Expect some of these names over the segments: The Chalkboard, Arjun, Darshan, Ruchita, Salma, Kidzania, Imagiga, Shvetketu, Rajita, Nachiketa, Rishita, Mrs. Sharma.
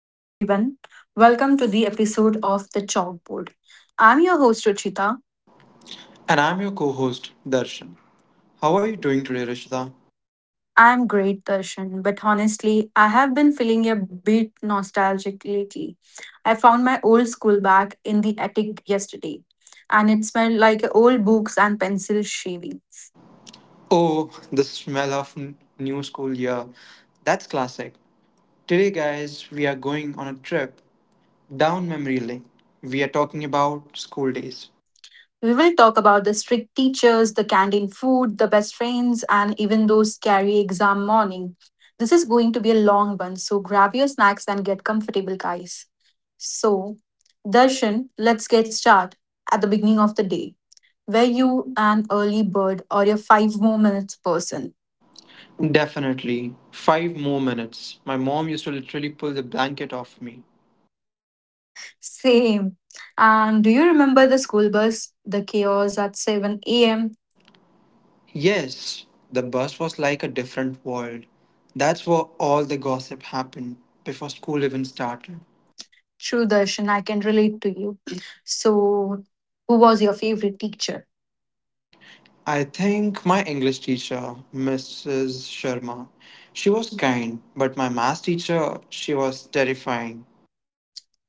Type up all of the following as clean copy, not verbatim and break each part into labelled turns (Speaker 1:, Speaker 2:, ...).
Speaker 1: Hello, everyone. Welcome to the episode of The Chalkboard. I'm your host, Ruchita.
Speaker 2: And I'm your co host, Darshan. How are you doing today, Rishita?
Speaker 1: I'm great, Darshan, but honestly, I have been feeling a bit nostalgic lately. I found my old school bag in the attic yesterday, and it smelled like old books and pencil shavings.
Speaker 2: Oh, the smell of new school year. That's classic. Today, guys, we are going on a trip down memory lane. We are talking about school days.
Speaker 1: We will talk about the strict teachers, the canteen food, the best friends, and even those scary exam morning. This is going to be a long one, so grab your snacks and get comfortable, guys. So, Darshan, let's get started at the beginning of the day. Were you an early bird or your five more minutes person?
Speaker 2: Definitely. Five more minutes. My mom used to literally pull the blanket off me.
Speaker 1: Same. And do you remember the school bus, the chaos at 7 a.m.?
Speaker 2: Yes, the bus was like a different world. That's where all the gossip happened before school even started.
Speaker 1: True, Darshan, I can relate to you. So, who was your favorite teacher?
Speaker 2: I think my English teacher, Mrs. Sharma, she was kind, but my math teacher, she was terrifying.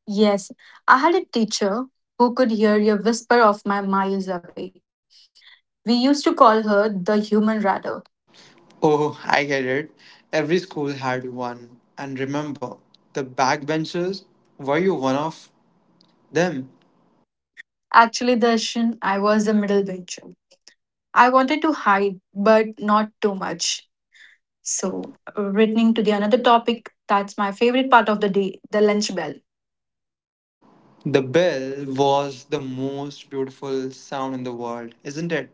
Speaker 1: Yes, I had a teacher who could hear your whisper of my miles away. We used to call her the human radar.
Speaker 2: Oh, I get it. Every school had one. And remember, the backbenchers, were you one of them?
Speaker 1: Actually, Darshan, I was a middle bencher. I wanted to hide, but not too much.
Speaker 2: So,
Speaker 1: So, returning to the another topic, that's my favorite part of the day, the lunch bell.
Speaker 2: the bell was the most beautiful sound in the world, isn't it?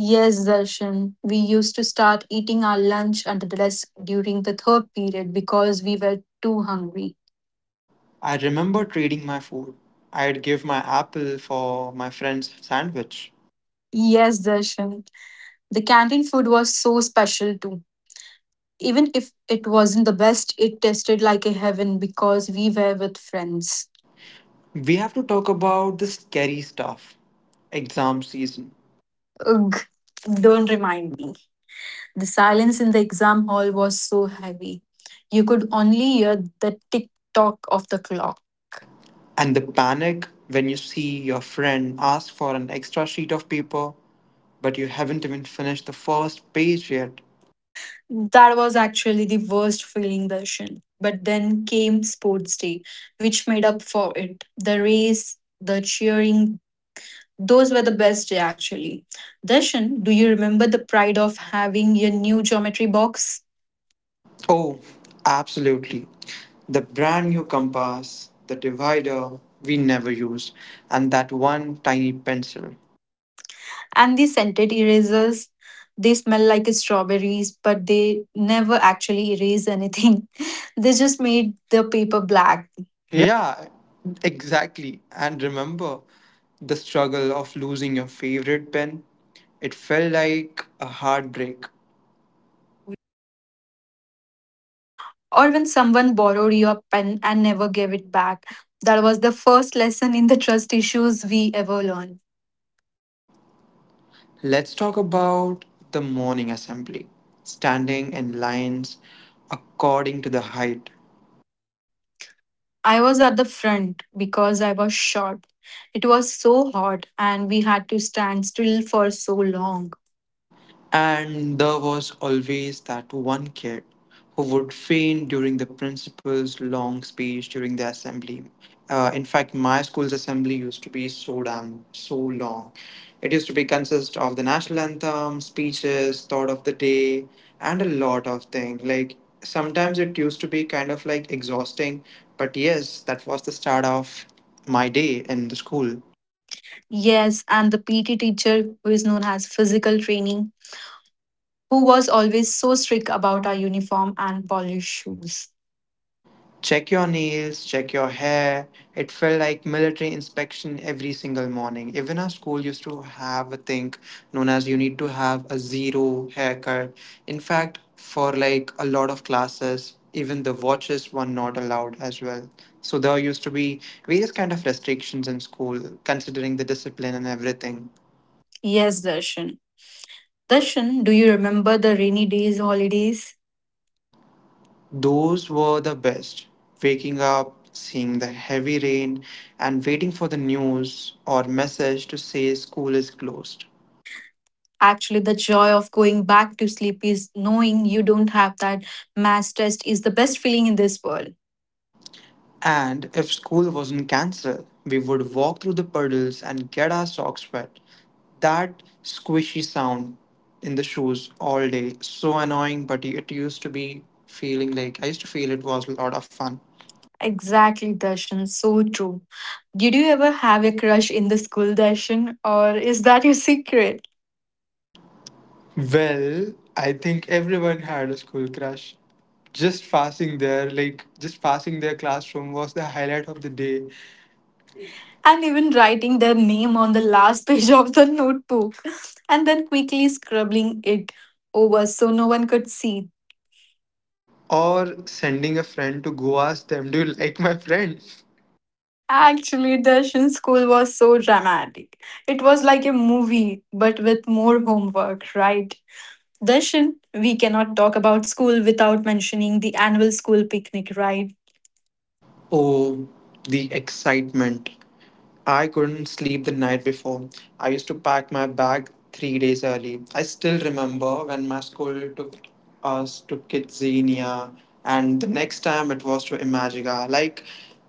Speaker 1: Yes, Darshan, we used to start eating our lunch under the desk during the third period because we were too hungry.
Speaker 2: I remember trading my food. I'd give my apple for my friend's sandwich.
Speaker 1: Yes, Darshan, the canteen food was so special too. Even if it wasn't the best, it tasted like a heaven because we were with friends.
Speaker 2: We have to talk about the scary stuff, exam season.
Speaker 1: Ugh, don't remind me. The silence in the exam hall was so heavy. You could only hear the tick tock of the clock.
Speaker 2: And the panic when you see your friend ask for an extra sheet of paper, but you haven't even finished the first page yet.
Speaker 1: That was actually the worst feeling version. But then came sports day, which made up for it. The race, the cheering, those were the best day actually. Darshan, do you remember the pride of having your new geometry box?
Speaker 2: Oh, absolutely. The brand new compass, the divider we never used, and that one tiny pencil.
Speaker 1: And the scented erasers, they smell like strawberries, but they never actually erase anything. They just made the paper black.
Speaker 2: Yeah, exactly. And remember the struggle of losing your favorite pen? It felt like a heartbreak.
Speaker 1: Or when someone borrowed your pen and never gave it back. That was the first lesson in the trust issues we ever learned.
Speaker 2: Let's talk about the morning assembly, standing in lines according to the height.
Speaker 1: I was at the front because I was short. It was so hot and we had to stand still for so long.
Speaker 2: And there was always that one kid who would faint during the principal's long speech during the assembly. In fact, my school's assembly used to be so damn so long. It used to be consist of the national anthem, speeches, thought of the day, and a lot of things. Like sometimes it used to be kind of like exhausting, but yes, that was the start of my day in the school.
Speaker 1: Yes, and the PT teacher, who is known as physical training, who was always so strict about our uniform and polished shoes.
Speaker 2: Check your nails, check your hair. It felt like military inspection every single morning. Even our school used to have a thing known as you need to have a zero haircut. In fact, for like a lot of classes, even the watches were not allowed as well. So there used to be various kind of restrictions in school, considering the discipline and everything.
Speaker 1: Yes, Darshan. Darshan, do you remember the rainy days, holidays?
Speaker 2: Those were the best. Waking up, seeing the heavy rain, and waiting for the news or message to say school is closed.
Speaker 1: Actually, the joy of going back to sleep is knowing you don't have that mass test, is the best feeling in this world.
Speaker 2: And if school wasn't cancelled, we would walk through the puddles and get our socks wet. That squishy sound in the shoes all day, so annoying, but it used to be feeling like I used to feel it was a lot of fun.
Speaker 1: Exactly, Darshan. So true. Did you ever have a crush in the school, Darshan? Or is that your secret?
Speaker 2: Well, I think everyone had a school crush. Just passing there like just passing their classroom was the highlight of the day.
Speaker 1: And even writing their name on the last page of the notebook and then quickly scribbling it over so no one could see.
Speaker 2: Or sending a friend to go ask them, do you like my friend?
Speaker 1: Actually, Darshan, school was so dramatic. It was like a movie, but with more homework, right? Darshan, we cannot talk about school without mentioning the annual school picnic, right?
Speaker 2: Oh, the excitement. I couldn't sleep the night before. I used to pack my bag 3 days early. I still remember when my school took us to Kidzania, and the next time it was to Imagiga. Like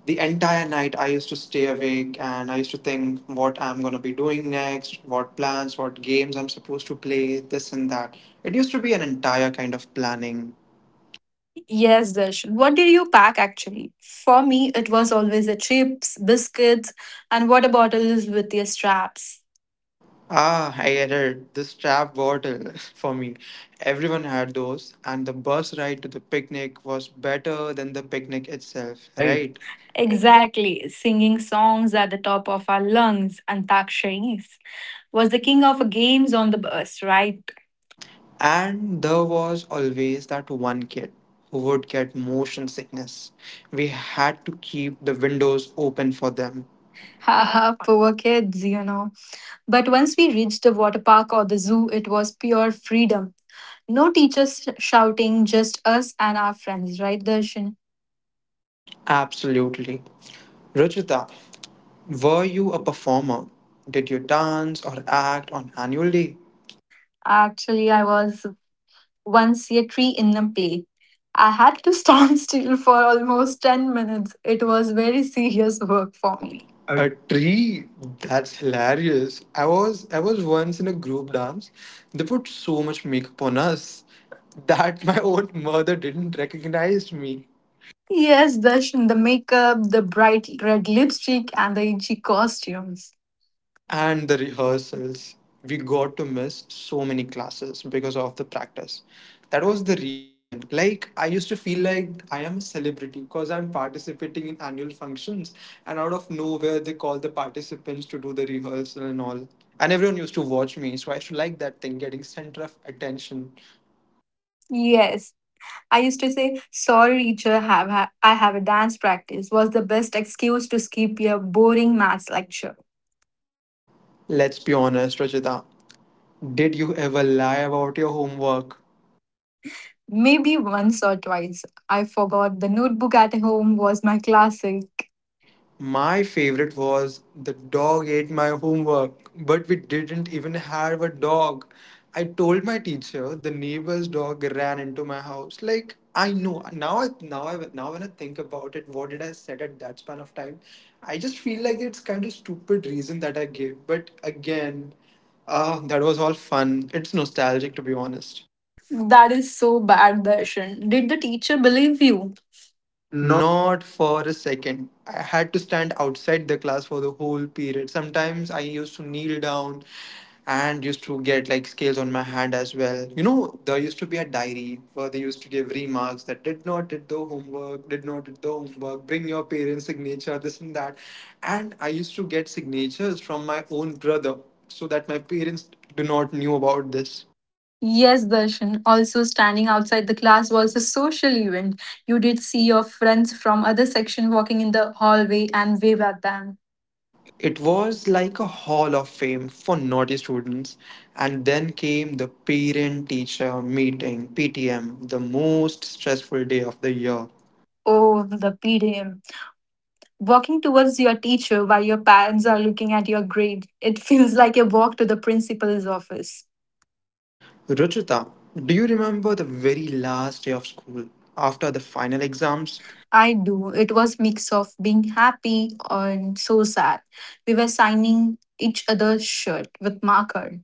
Speaker 2: the entire night, I used to stay awake and I used to think what I'm gonna be doing next, what plans, what games I'm supposed to play, this and that. It used to be an entire kind of planning.
Speaker 1: Yes, Darshan. What did you pack actually? For me, it was always the chips, biscuits, and water bottles with their straps.
Speaker 2: Ah, I get it. The strap bottle for me. Everyone had those, and the bus ride to the picnic was better than the picnic itself,
Speaker 1: Right.
Speaker 2: right? Exactly.
Speaker 1: Exactly. Singing songs at the top of our lungs. Antaksharis was the king of games on the bus, right?
Speaker 2: And there was always that one kid who would get motion sickness. We had to keep the windows open for them. Ha.
Speaker 1: Haha, poor kids, you know. But once we reached the water park or the zoo, it was pure freedom. No teachers shouting, just us and our friends, right, Darshan?
Speaker 2: Absolutely. Ruchita, were you a performer? Did you dance or act on annual day?
Speaker 1: Actually, I was once a tree in a play. I had to stand still for almost 10 minutes. It was very serious work for
Speaker 2: For
Speaker 1: me.
Speaker 2: me.
Speaker 1: Okay.
Speaker 2: A tree? That's hilarious. I was once in a group dance. They put so much makeup on us that my own mother didn't recognize me.
Speaker 1: Yes, Darshan, the makeup, the bright red lipstick, and the itchy costumes.
Speaker 2: And the rehearsals. We got to miss so many classes because of the practice. That was the real win. Like, I used to feel like I am a celebrity because I'm participating in annual functions, and out of nowhere, they call the participants to do the rehearsal and all. And everyone used to watch me, so I used to like that thing getting center of attention.
Speaker 1: Yes, I used to say, sorry, teacher, I have a dance practice, was the best excuse to skip a boring maths lecture.
Speaker 2: Let's be honest, Rajita. Did you ever lie about your homework?
Speaker 1: Maybe once or twice. I forgot the notebook at home was my classic.
Speaker 2: My favorite was the dog ate my homework, but we didn't even have a dog. I told my teacher the neighbor's dog ran into my house. Like I know now, now when I think about it, what did I said at that span of time? I just feel like it's kind of stupid reason that I gave. But again, that was all fun. It's nostalgic to be honest.
Speaker 1: That is so bad, Darshan. Did the teacher believe you? No.
Speaker 2: Not for a second. I had to stand outside the class for the whole period. Sometimes I used to kneel down and used to get like scales on my hand as well. You know, there used to be a diary where they used to give remarks that did not did the homework, did not did the homework, bring your parents' signature, this and that. And I used to get signatures from my own brother so that my parents do not knew about this.
Speaker 1: Yes, Darshan. Also, standing outside the class was a social event. You did see your friends from other section walking in the hallway and wave at them.
Speaker 2: It was like a hall of fame for naughty students, and then came the parent teacher meeting, PTM, the most stressful day of the year.
Speaker 1: Oh, the PDM. Walking towards your teacher while your parents are looking at your grade. It feels like a walk to the principal's office.
Speaker 2: Ruchita, do you remember the very last day of school after the final exams?
Speaker 1: I do. It was mix of being happy and so sad. We were signing each other's shirt with marker.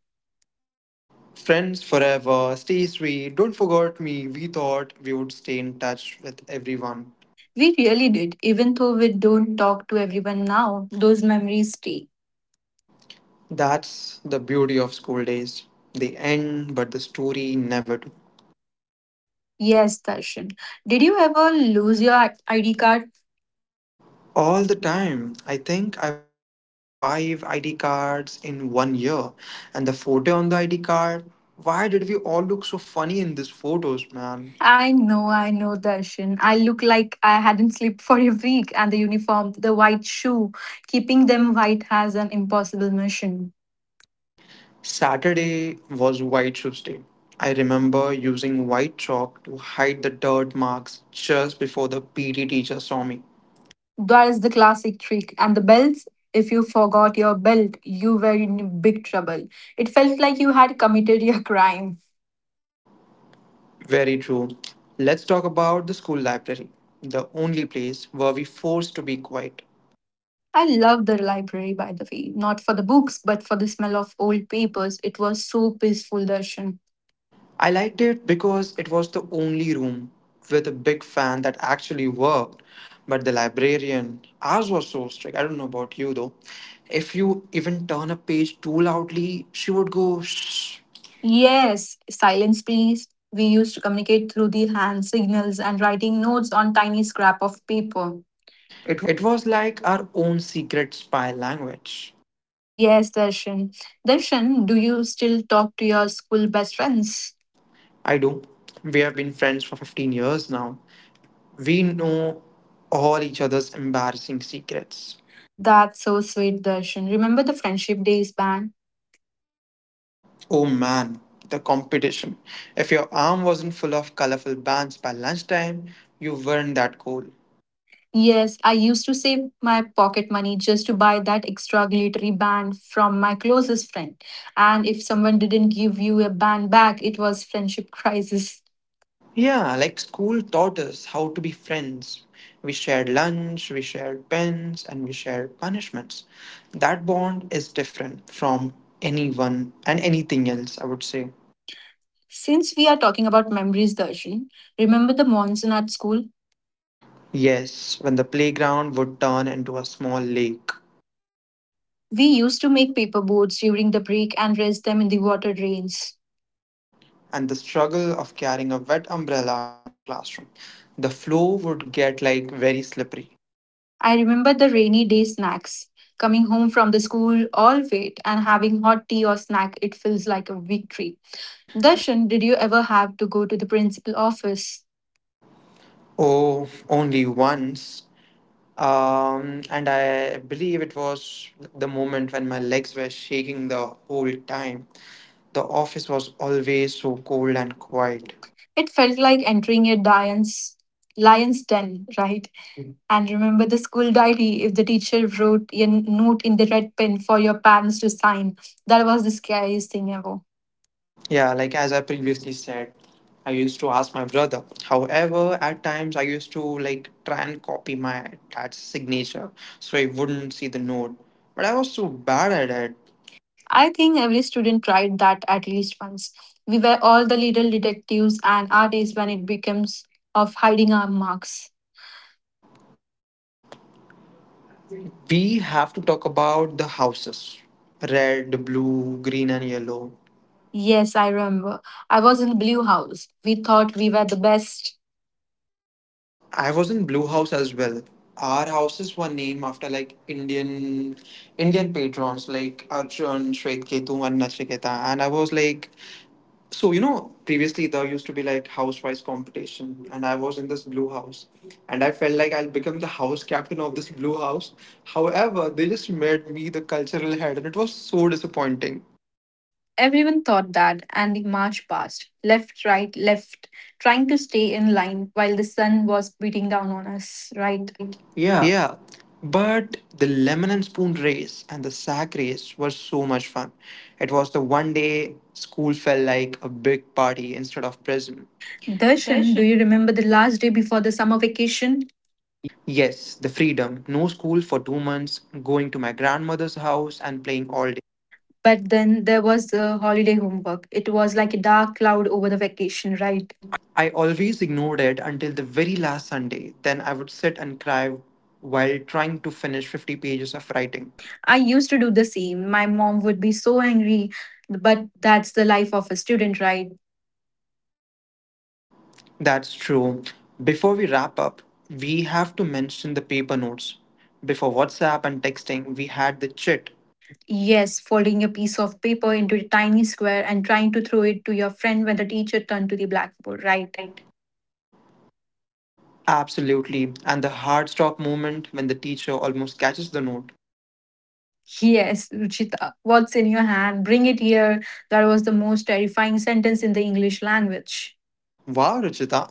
Speaker 2: Friends forever, stay sweet, don't forget me. We thought we would stay in touch with everyone.
Speaker 1: We really did. Even though we don't talk to everyone now, those memories stay.
Speaker 2: That's the beauty of school days. They end, but the story never.
Speaker 1: Yes, Darshan. Did you ever lose your ID card?
Speaker 2: All the time. I think I bought like five ID cards in one year. And the photo on the ID card, why did we all look so funny in these photos, man?
Speaker 1: I know, Darshan. I look like I hadn't slept for a week, and the uniform, the white shoe, keeping them white has an impossible mission.
Speaker 2: Saturday was White Shoes Day. I remember using white chalk to hide the dirt marks just before the PT teacher saw me.
Speaker 1: That is the classic trick. And the belts, if you forgot your belt, you were in big trouble. It felt like you had committed your crime.
Speaker 2: Very true. Let's talk about the school library, the only place where we forced to be quiet.
Speaker 1: I love the library, by the way, not for the books, but for the smell of old papers. It was so peaceful, Darshan.
Speaker 2: I liked it because it was the only room with a big fan that actually worked. But the librarian, ours was so strict. I don't know about you though. If you even turn a page too loudly, she would go shh.
Speaker 1: Yes, silence, please. We used to communicate through the hand signals and writing notes on tiny scrap of paper. It.
Speaker 2: It was like our own secret spy language.
Speaker 1: Yes, Darshan. Darshan, do you still talk to your school best friends?
Speaker 2: I do. We have been friends for 15 years now. We know all each other's embarrassing secrets.
Speaker 1: That's so sweet, Darshan. Remember the friendship days band?
Speaker 2: Oh man, the competition. If your arm wasn't full of colorful bands by lunchtime, you weren't that cool.
Speaker 1: Yes, I used to save my pocket money just to buy that extra glittery band from my closest friend. And if someone didn't give you a band back, it was friendship crisis.
Speaker 2: Yeah, like school taught us how to be friends. We shared lunch, we shared pens, and we shared punishments. That bond is different from anyone and anything else, I would say.
Speaker 1: Since we are talking about memories, Darshini, remember the monsoon at school?
Speaker 2: Yes, when the playground would turn into a small lake,
Speaker 1: We used to make paper boats during the break and raise them in the water drains.
Speaker 2: and the struggle of carrying a wet umbrella into the classroom. The floor would get like very slippery.
Speaker 1: I remember the rainy day snacks. Coming home from the school all wet and having hot tea or snack, it feels like a victory. Darshan, did you ever have to go to the principal office?
Speaker 2: Oh, only once. And I believe it was the moment when my legs were shaking the whole time. The office was always so cold and quiet.
Speaker 1: It felt like entering a lion's den, right? Mm. And remember the school diary if the teacher wrote a note in the red pen for your parents to sign. That was the scariest thing ever.
Speaker 2: Yeah, like as I previously said, I used to ask my brother. However, at times I used to like try and copy my dad's signature so I wouldn't see the note. But I was so bad at it.
Speaker 1: I think every student tried that at least once. We were all the little detectives and artists when it becomes of hiding our marks.
Speaker 2: We have to talk about the houses, red, blue, green, and yellow.
Speaker 1: Yes, I remember. I was in Blue House. We thought we were the best.
Speaker 2: I was in Blue House as well. Our houses were named after like Indian patrons like Arjun, Shvetketu, and Nachiketa. And I was like, so you know, previously there used to be like housewise competition, and I was in this Blue House, and I felt like I'll become the house captain of this Blue House. However, they just made me the cultural head, and it was so disappointing.
Speaker 1: Everyone thought that, and we marched past, left, right, left, trying to stay in line while the sun was beating down on us, right?
Speaker 2: Right?
Speaker 1: Yeah,
Speaker 2: Yeah, but the lemon and spoon race and the sack race were so much fun. It was the one day school felt like a big party instead of prison.
Speaker 1: Darshan,
Speaker 2: Darshan.
Speaker 1: do you remember the last day before the summer vacation?
Speaker 2: Yes, the freedom. No school for 2 months, going to my grandmother's house and playing all day.
Speaker 1: But then there was the holiday homework. It was like a dark cloud over the vacation, right?
Speaker 2: Right. I always ignored it until the very last Sunday. Then I would sit and cry while trying to finish 50 pages of writing.
Speaker 1: I used to do the same. My mom would be so angry, but that's the life of a student, right?
Speaker 2: That's true. Before we wrap up, we have to mention the paper notes. Before WhatsApp and texting, we had the chit.
Speaker 1: Yes, folding a piece of paper into a tiny square and trying to throw it to your friend when the teacher turned to the blackboard, right?
Speaker 2: Right. Absolutely. And the hard stop moment when the teacher almost catches the note.
Speaker 1: Yes, Ruchita, what's in your hand? Bring it here. That was the most terrifying sentence in the English language.
Speaker 2: Wow, Ruchita.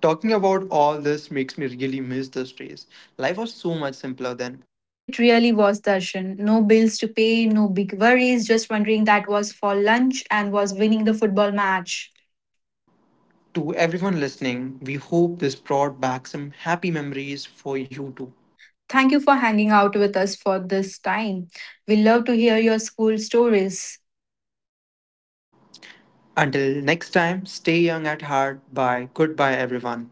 Speaker 2: Talking about all this makes me really miss those days. Life was so much simpler then.
Speaker 1: It really was, Darshan. No bills to pay, no big worries, just wondering that was for lunch and was winning the football match.
Speaker 2: To everyone listening, we hope this brought back some happy memories for you too.
Speaker 1: Thank you for hanging out with us for this time. We love to hear your school stories.
Speaker 2: Until next time, stay young at heart. Bye. Goodbye, everyone.